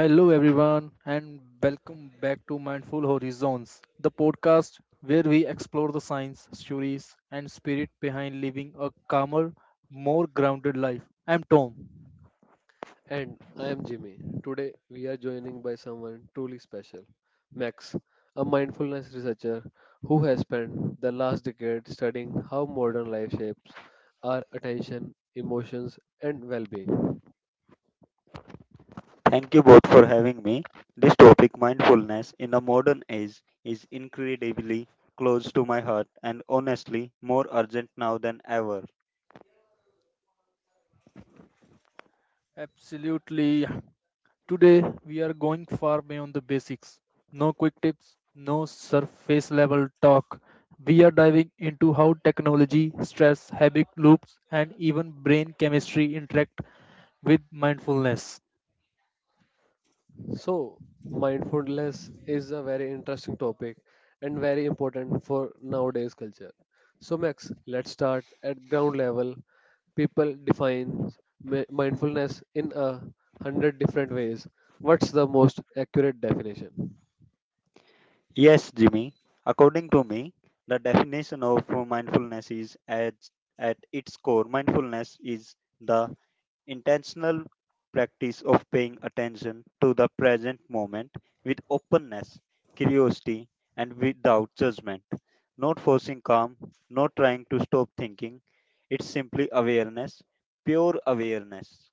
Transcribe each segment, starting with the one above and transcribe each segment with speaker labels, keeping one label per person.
Speaker 1: Hello, everyone, and welcome back to Mindful Horizons, the podcast where we explore the science, stories, and spirit behind living a calmer, more grounded life. I'm Tom.
Speaker 2: And I am Jimmy. Today we are joining by someone truly special, Max, a mindfulness researcher who has spent the last decade studying how modern life shapes our attention, emotions, and well being.
Speaker 3: Thank you both for having me. This topic, mindfulness in the modern age, is incredibly close to my heart and honestly more urgent now than ever.
Speaker 1: Absolutely. Today, we are going far beyond the basics. No quick tips, no surface level talk. We are diving into how technology, stress, habit loops, and even brain chemistry interact with mindfulness.
Speaker 2: So, mindfulness is a very interesting topic and very important for nowadays culture. So, Max, let's start at ground level. People define mindfulness in a hundred different ways. What's the most accurate definition?
Speaker 3: Yes, Jimmy, according to me, the definition of mindfulness is at its core. Mindfulness is the intentional practice of paying attention to the present moment with openness, curiosity, and without judgment. Not forcing calm, not trying to stop thinking. It's simply awareness, pure awareness.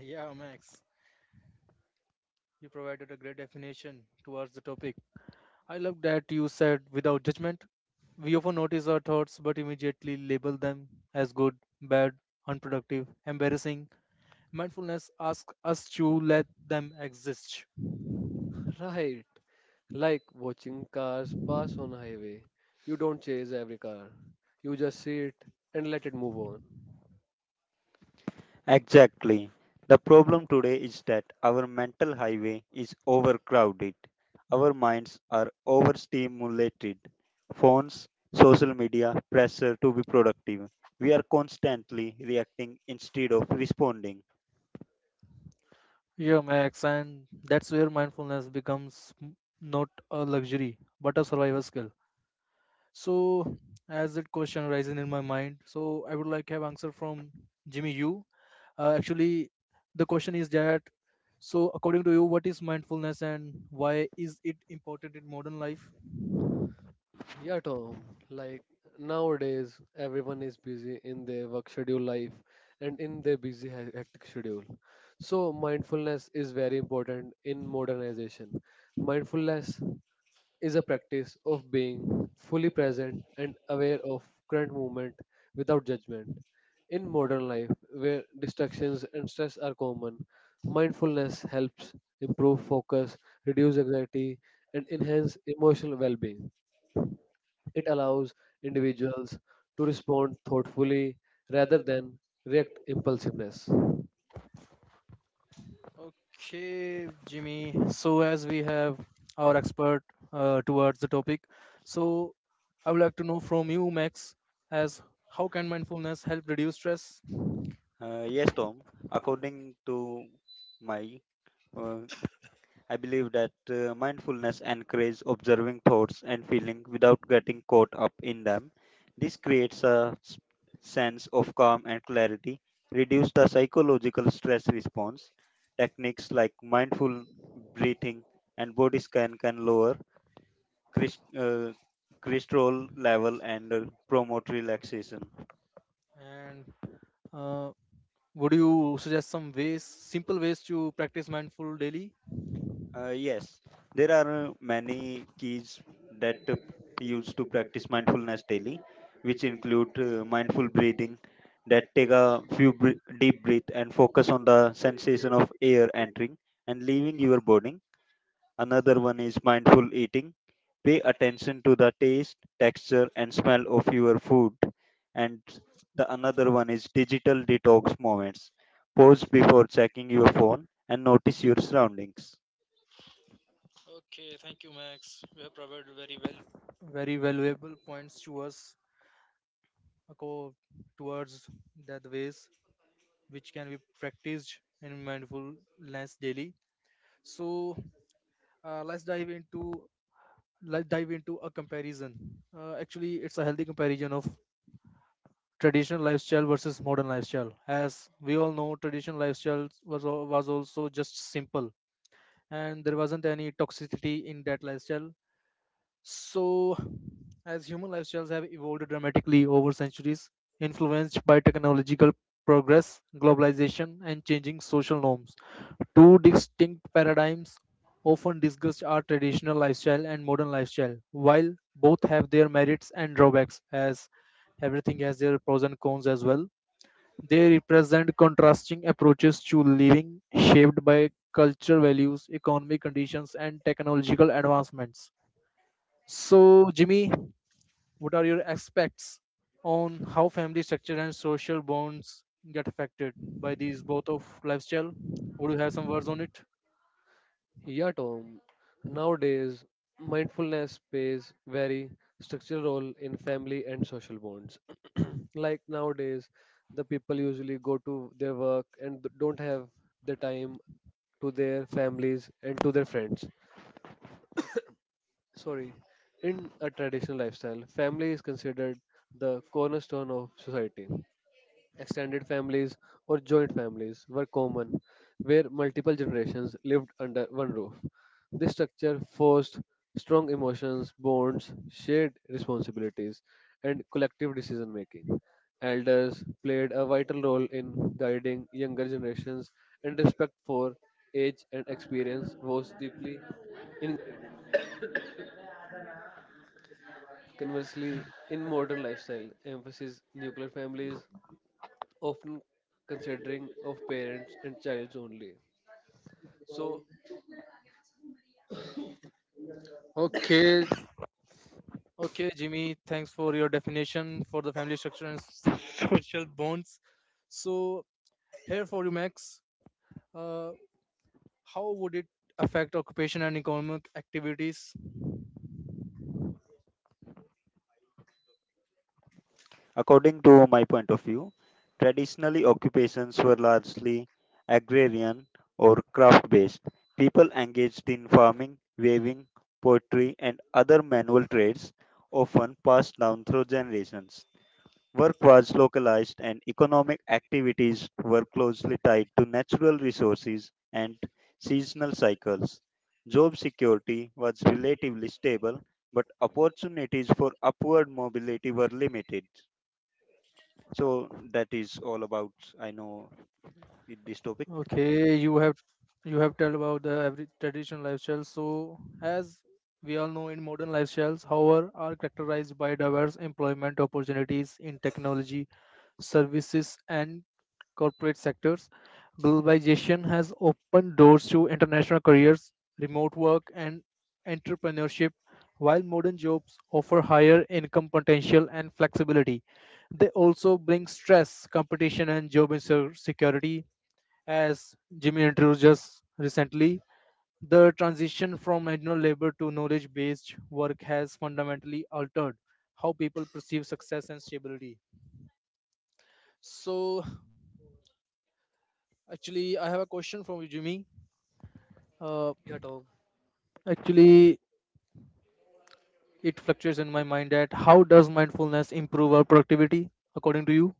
Speaker 1: Yeah, Max. You provided a great definition towards the topic. I love that you said without judgment. We often notice our thoughts but immediately label them as good, bad, unproductive, embarrassing. Mindfulness asks us to let them exist.
Speaker 2: Right, like watching cars pass on highway. You don't chase every car. You just see it and let it move on.
Speaker 3: Exactly. The problem today is that our mental highway is overcrowded. Our minds are overstimulated. Phones, social media, pressure to be productive. We are constantly reacting instead of responding.
Speaker 1: Yeah, Max, and that's where mindfulness becomes not a luxury but a survival skill. So as that question rising in my mind, so I would like to have answer from Jimmy you. Actually, the question is that so according to you, what is mindfulness and why is it important in modern life?
Speaker 2: Yeah, Tom. Like nowadays, everyone is busy in their work schedule life and in their busy hectic schedule. So mindfulness is very important in modernization. Mindfulness is a practice of being fully present and aware of current moment without judgment. In modern life, where distractions and stress are common, mindfulness helps improve focus, reduce anxiety, and enhance emotional well-being. It allows individuals to respond thoughtfully rather than react impulsiveness.
Speaker 1: Okay, Jimmy. So, as we have our expert towards the topic, so I would like to know from you, Max, as how can mindfulness help reduce stress,
Speaker 3: Yes, Tom, according to my uh, I believe that mindfulness encourages observing thoughts and feelings without getting caught up in them. This creates a sense of calm and clarity, reduce the psychological stress response. Techniques like mindful breathing and body scan can lower chris- uh, cortisol level and promote relaxation.
Speaker 1: and uh, would you suggest some ways, simple ways to practice mindful daily?
Speaker 3: Yes, there are many keys that used to practice mindfulness daily, which include mindful breathing, that take a few deep breath and focus on the sensation of air entering and leaving your body. Another one is mindful eating. Pay attention to the taste, texture, and smell of your food. And the another one is digital detox moments. Pause before checking your phone and notice your surroundings.
Speaker 1: Okay, thank you, Max. You have provided very well, very valuable points to us aco- towards that ways which can be practiced in mindfulness daily. So uh, let's dive into let's dive into a comparison, actually it's a healthy comparison of traditional lifestyle versus modern lifestyle. As we all know, traditional lifestyle was also just simple and there wasn't any toxicity in that lifestyle. So as human lifestyles have evolved dramatically over centuries, influenced by technological progress, globalization, and changing social norms, two distinct paradigms often discussed are traditional lifestyle and modern lifestyle. While both have their merits and drawbacks, as everything has their pros and cons as well, they represent contrasting approaches to living shaped by cultural values, economic conditions, and technological advancements. So, Jimmy, what are your aspects on how family structure and social bonds get affected by these both of lifestyle? Would you have some words on it?
Speaker 2: Yeah, Tom. Nowadays, mindfulness plays very structural role in family and social bonds. Like nowadays, the people usually go to their work and don't have the time to their families and to their friends. Sorry, in a traditional lifestyle, family is considered the cornerstone of society. Extended families or joint families were common, where multiple generations lived under one roof. This structure forced strong emotions, bonds, shared responsibilities, and collective decision making. Elders played a vital role in guiding younger generations, and respect for age and experience was deeply ingrained. Conversely, in modern lifestyle, emphasis nuclear families often considering of parents and childs only. So,
Speaker 1: Okay, Jimmy, thanks for your definition for the family structure and social bonds. So, here for you, Max, uh, how would it affect occupation and economic activities?
Speaker 3: According to my point of view, traditionally occupations were largely agrarian or craft based. People engaged in farming, weaving, pottery, and other manual trades, often passed down through generations. Work was localized, and economic activities were closely tied to natural resources and seasonal cycles. Job security was relatively stable, but opportunities for upward mobility were limited. So that is all about I know this topic.
Speaker 1: Okay, you have told about the every traditional lifestyle. So, as we all know, in modern lifestyles, however, are characterized by diverse employment opportunities in technology, services, and corporate sectors. Globalization has opened doors to international careers, remote work, and entrepreneurship, while modern jobs offer higher income potential and flexibility. They also bring stress, competition, and job insecurity. As Jimmy introduced us recently, the transition from manual labor to knowledge based work has fundamentally altered how people perceive success and stability. So, actually, I have a question from you, Jimmy. Uh,
Speaker 2: yeah, Tom,
Speaker 1: actually, it fluctuates in my mind that how does mindfulness improve our productivity according to you?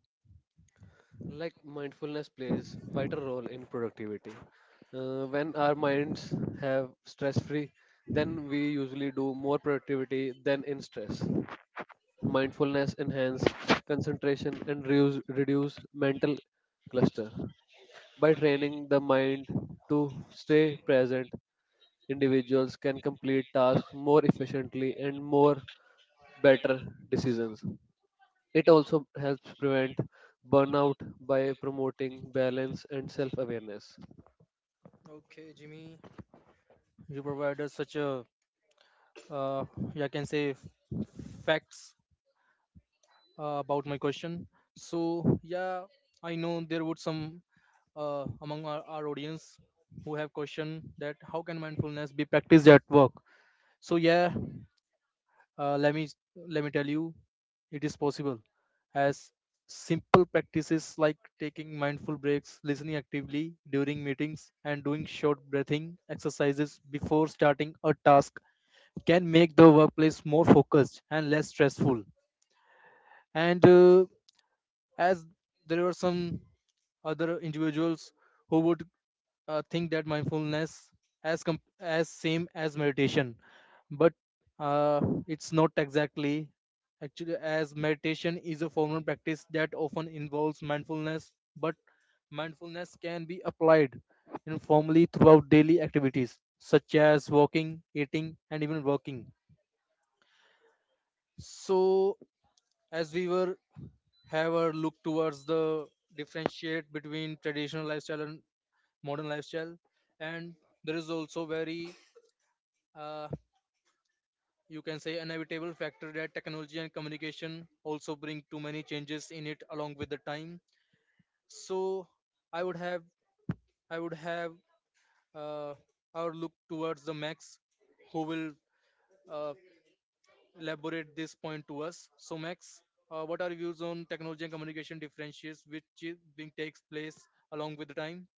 Speaker 2: like mindfulness plays vital role in productivity. When our minds have stress free, then we usually do more productivity than in stress. Mindfulness enhance concentration and reduce mental cluster. By training the mind to stay present, individuals can complete tasks more efficiently and more better decisions. It also helps prevent burnout by promoting balance and self awareness.
Speaker 1: Okay, Jimmy, you provided such a, uh, yeah, I can say, facts about my question. So, yeah, I know there would some among our audience who have question that how can mindfulness be practiced at work. So, yeah, uh, let me let me tell you it is possible as simple practices like taking mindful breaks, listening actively during meetings, and doing short breathing exercises before starting a task can make the workplace more focused and less stressful. And as there were some other individuals who would think that mindfulness as same as meditation but uh, it's not exactly, actually, as meditation is a formal practice that often involves mindfulness, but mindfulness can be applied informally throughout daily activities such as walking, eating, and even working. So as we were have a look towards the differentiate between traditional lifestyle and modern lifestyle, and there is also very uh, you can say inevitable factor that technology and communication also bring too many changes in it along with the time. So i would have I would have uh, our look towards the Max, who will uh, elaborate this point to us. So Max, what are your views on technology and communication differentiates which is being takes place along with the time?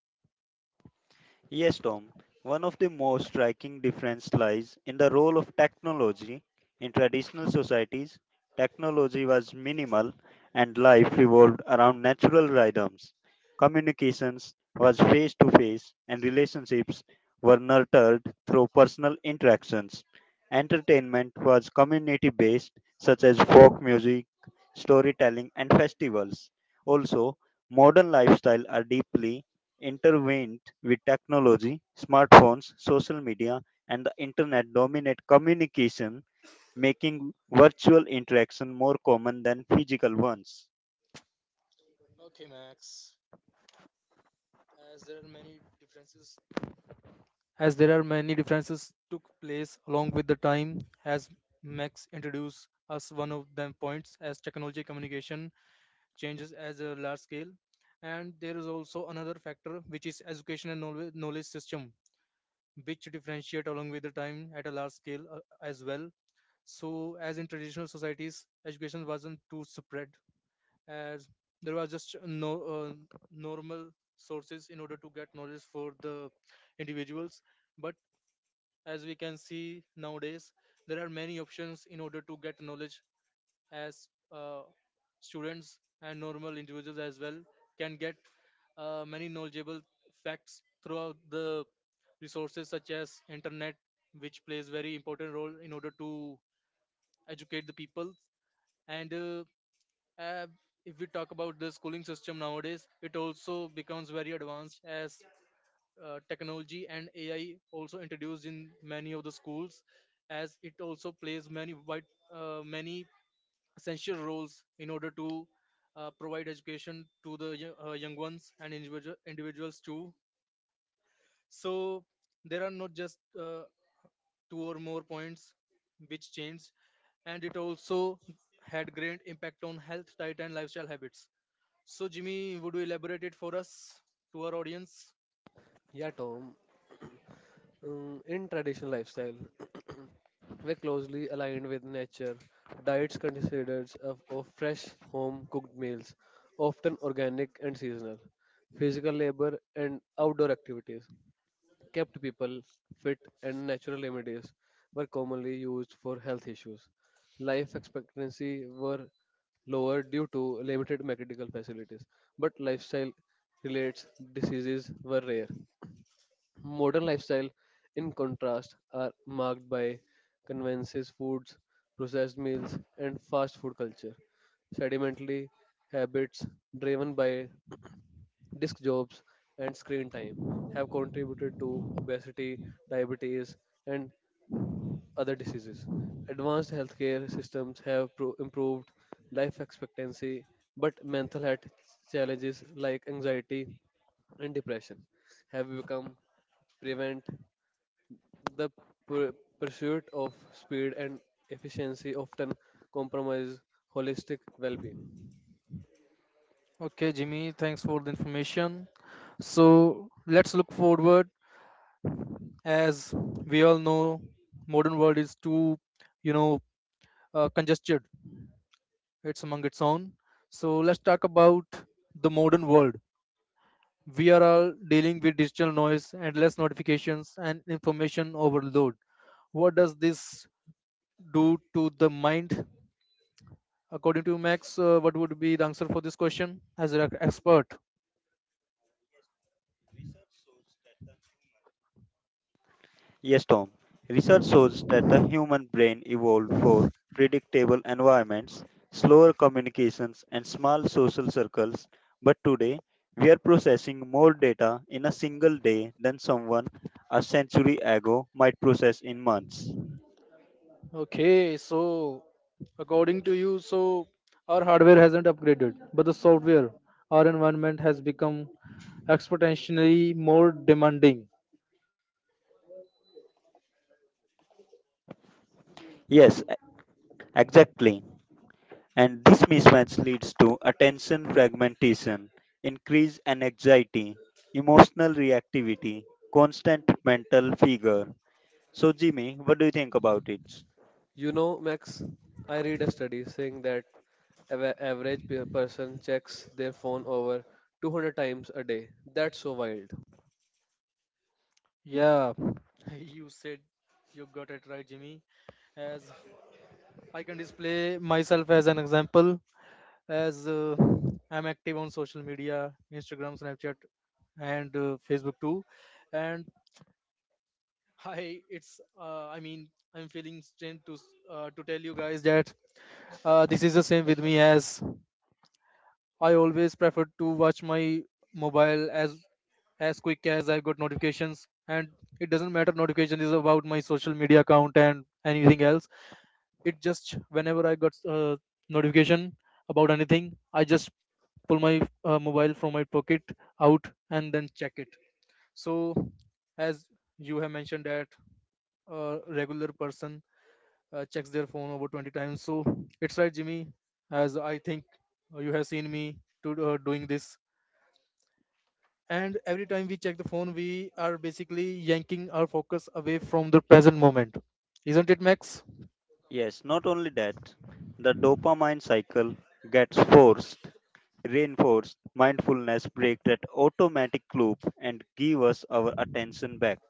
Speaker 3: Yes, Tom, one of the most striking differences lies in the role of technology. In traditional societies, technology was minimal and life revolved around natural rhythms. Communications was face to face and relationships were nurtured through personal interactions. Entertainment was community based, such as folk music, storytelling and festivals. Also, modern lifestyle are deeply intervened with technology. Smartphones, social media, and the internet dominate communication, making virtual interaction more common than physical ones.
Speaker 1: Okay, Max. As there are many differences, as there are many differences took place along with the time, as Max introduced us one of them points as technology communication changes as a large scale, and there is also another factor which is education and knowledge system, which differentiate along with the time at a large scale as well. So, as in traditional societies, education wasn't too spread as there was just no normal sources in order to get knowledge for the individuals, but as we can see nowadays there are many options in order to get knowledge as students and normal individuals as well can get many knowledgeable facts throughout the resources such as internet, which plays very important role in order to educate the people. And uh, if we talk about the schooling system nowadays, it also becomes very advanced as technology and AI also introduced in many of the schools, as it also plays many wide many essential roles in order to provide education to the young ones and individuals too. So there are not just two or more points which change, and it also had great impact on health, diet, and lifestyle habits. So, Jimmy, would you elaborate it for us to our audience?
Speaker 2: Yeah, Tom. In traditional lifestyle, we're closely aligned with nature. Diets consist of fresh, home cooked meals, often organic and seasonal, physical labor, and outdoor activities kept people fit, and natural remedies were commonly used for health issues. Life expectancy were lower due to limited medical facilities, but lifestyle related diseases were rare. Modern lifestyle, in contrast, are marked by conveniences foods, processed meals, and fast food culture. Sedimentary habits driven by Disk jobs and screen time have contributed to obesity, diabetes, and other diseases. Advanced healthcare systems have improved life expectancy, but mental health challenges like anxiety and depression have become prevent the pur- pursuit of speed and efficiency often compromise holistic well-being.
Speaker 1: Okay, Jimmy, thanks for the information. So let's look forward. As we all know, modern world is too, you know, congested. It's among its own. So let's talk about the modern world. We are all dealing with digital noise, endless notifications, and information overload. What does this do to the mind? According to Max, what would be the answer for this question as an expert?
Speaker 3: Yes, Tom. Research shows that the human brain evolved for predictable environments, slower communications, and small social circles. But today, we are processing more data in a single day than someone a century ago might process in months.
Speaker 1: Okay, so according to you, so our hardware hasn't upgraded, but the software, our environment has become exponentially more demanding.
Speaker 3: Yes, exactly. And this mismatch leads to attention fragmentation, increased anxiety, emotional reactivity, constant mental figure. So, Jimmy, what do you think about it?
Speaker 2: You know, Max, I read a study saying that average person checks their phone over 200 times a day. That's so wild.
Speaker 1: Yeah, you said you got it right, Jimmy. As I can display myself as an example, as I'm active on social media, Instagram, Snapchat, and Facebook too. And hi, it's I mean, I'm feeling strength to to tell you guys that this is the same with me, as I always prefer to watch my mobile as quick as I've got notifications, and it doesn't matter notification is about my social media account and anything else. It just whenever I got notification about anything, I just pull my mobile from my pocket out and then check it. So as you have mentioned that a regular person checks their phone over 20 times. So it's right, Jimmy, as I think you have seen me to doing this. And every time we check the phone, we are basically yanking our focus away from the present moment, isn't it, Max?
Speaker 3: Yes, not only that, the dopamine cycle gets forced, reinforced. Mindfulness break that automatic loop and give us our attention back.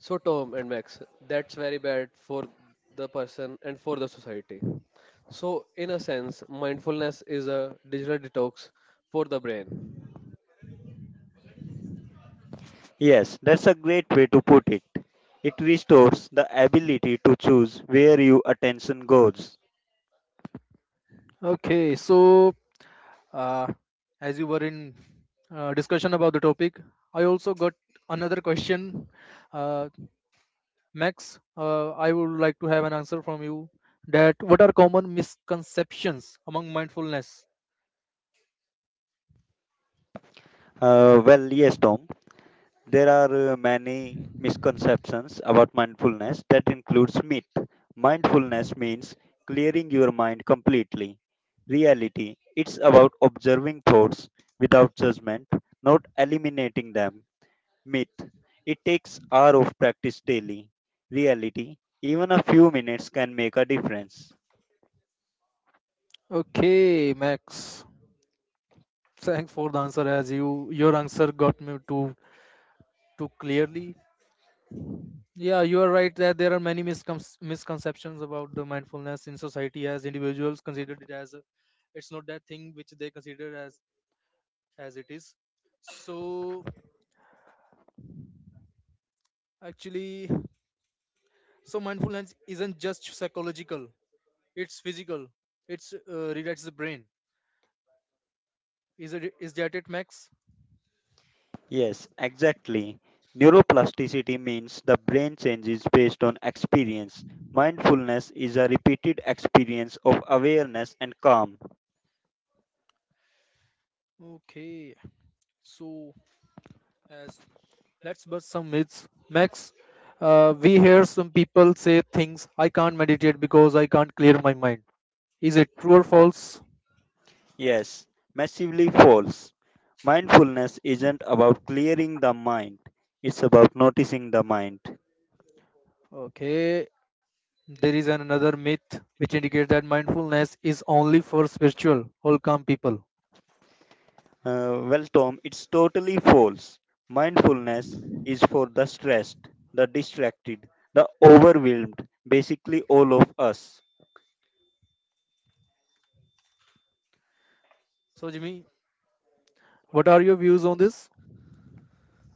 Speaker 2: So, Tom and Max, that's very bad for the person and for the society. So, in a sense, mindfulness is a digital detox for the brain.
Speaker 3: Yes, that's a great way to put it. It restores the ability to choose where your attention goes.
Speaker 1: Okay, so uh, as you were in discussion about the topic, I also got another question, uh, Max. I would like to have an answer from you. That what are common misconceptions among mindfulness?
Speaker 3: Yes, Tom. There are many misconceptions about mindfulness that includes myth. Mindfulness means clearing your mind completely. Reality, it's about observing thoughts without judgment, not eliminating them. Myth, it takes hour of practice daily. Reality, even a few minutes can make a difference.
Speaker 1: Okay, Max. Thanks for the answer, as you your answer got me to clearly. Yeah, you are right that there are many misconceptions about the mindfulness in society as individuals considered it as a, it's not that thing which they consider as it is. So actually, so mindfulness isn't just psychological; it's physical. It's relates the brain. Is it is that it, Max?
Speaker 3: Yes, exactly. Neuroplasticity means the brain changes based on experience. Mindfulness is a repeated experience of awareness and calm.
Speaker 1: Okay. So as let's bust some myths, Max. We hear some people say things. I can't meditate because I can't clear my mind. Is it true or false?
Speaker 3: Yes, massively false. Mindfulness isn't about clearing the mind, it's about noticing the mind.
Speaker 1: Okay. There is another myth which indicates that mindfulness is only for spiritual or calm people.
Speaker 3: Tom, it's totally false. Mindfulness is for the stressed, the distracted, the overwhelmed, basically all of us.
Speaker 1: So, Jimmy, what are your views on this?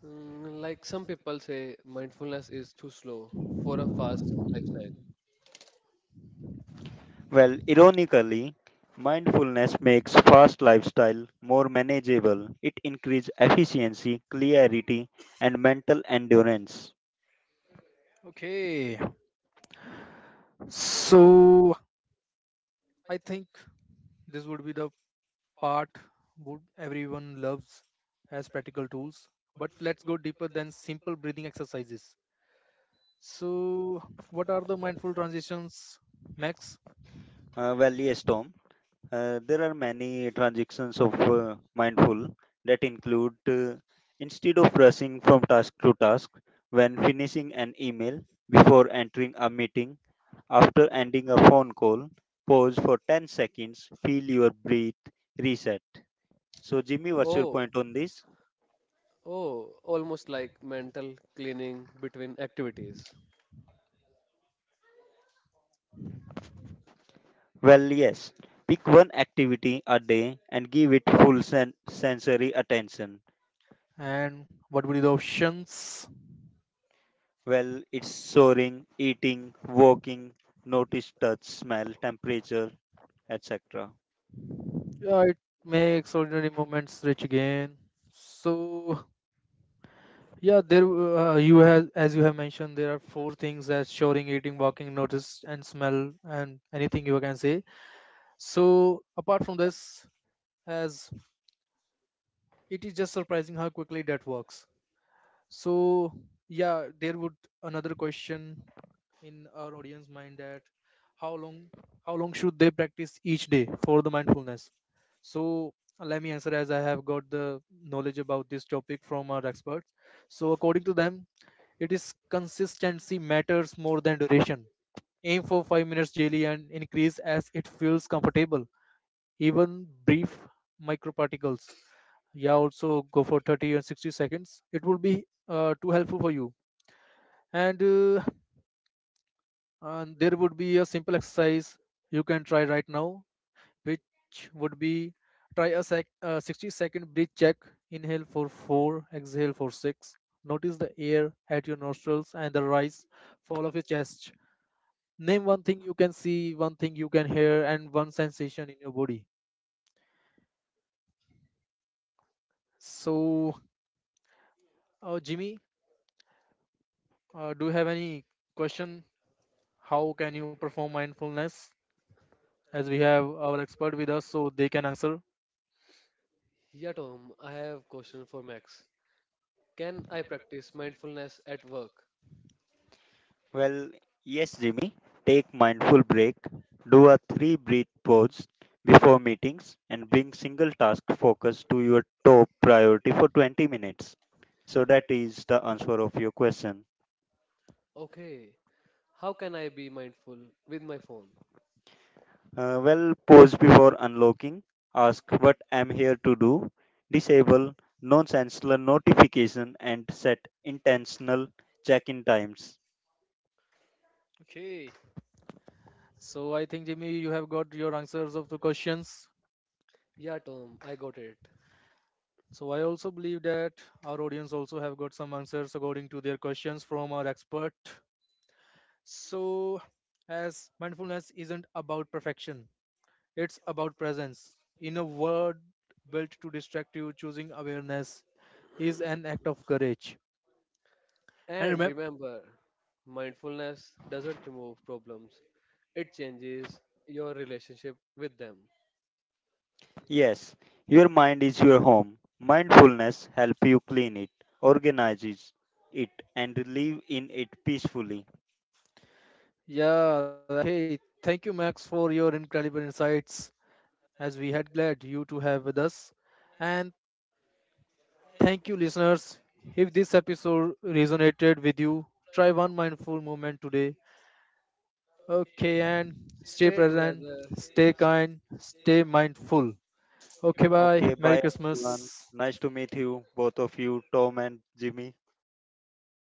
Speaker 2: Mm, like some people say, mindfulness is too slow for a fast lifestyle.
Speaker 3: Well, ironically, mindfulness makes fast lifestyle more manageable. It increases efficiency, clarity, and mental endurance.
Speaker 1: Okay. So, I think this would be the part would everyone loves as practical tools, but let's go deeper than simple breathing exercises. So what are the mindful transitions, Max?
Speaker 3: Yes, Tom. There are many transactions of mindful that include instead of rushing from task to task, when finishing an email, before entering a meeting, after ending a phone call, pause for 10 seconds, feel your breath, reset. So, Jimmy, what's your
Speaker 2: Oh,
Speaker 3: point on this?
Speaker 2: oh, almost like mental cleaning between activities.
Speaker 3: Well, yes. Pick one activity a day and give it full sensory attention.
Speaker 1: And what would be the options?
Speaker 3: Well, it's soaring, eating, walking, notice touch, smell, temperature, etc.
Speaker 1: Yeah, it makes ordinary moments rich again. So yeah there you have as you have mentioned there are four things as showing, eating, walking, notice and smell, and anything you can say. So apart from this, as it is just surprising how quickly that works. So yeah, there would another question in our audience mind that how long how long should they practice each day for the mindfulness? So let me answer as I have got the knowledge about this topic from our experts. So according to them, it is consistency matters more than duration. Aim for 5 minutes daily and increase as it feels comfortable. Even brief microparticles. Yeah, also go for 30 and 60 seconds. It will be too helpful for you. And and there would be a simple exercise you can try right now, which would be try 60-second breath check. Inhale for 4, exhale for 6. Notice the air at your nostrils and the rise fall of your chest. Name one thing you can see, one thing you can hear, and one sensation in your body. So Jimmy, do you have any question how can you perform mindfulness, as we have our expert with us so they can answer?
Speaker 2: Yeah, Tom, I have question for Max. Can I practice mindfulness at work?
Speaker 3: Well, yes, Jimmy. Take mindful break. Do a three breath pause before meetings and bring single task focus to your top priority for 20 minutes. So that is the answer of your question.
Speaker 2: Okay. How can I be mindful with my phone?
Speaker 3: Well, pause before unlocking. Ask what I'm here to do. Disable nonsensical notification and set
Speaker 1: Okay. So I think Jimmy, you have got your answers of the questions.
Speaker 2: Yeah, Tom, I got it.
Speaker 1: So I also believe that our audience also have got some answers according to their questions from our expert. So as mindfulness isn't about perfection, it's about presence. In a world built to distract you, choosing awareness is an act of courage.
Speaker 2: And
Speaker 1: And remember,
Speaker 2: remember, mindfulness doesn't remove problems, it changes your relationship with them.
Speaker 1: yeah, hey, thank you, Max, for your incredible insights. As we had glad you to have with us. And thank you, listeners. If this episode resonated with you, try one mindful moment today. Okay, and stay
Speaker 2: Stay
Speaker 1: present,
Speaker 2: together
Speaker 1: stay kind, stay mindful. Okay, bye. Merry Christmas.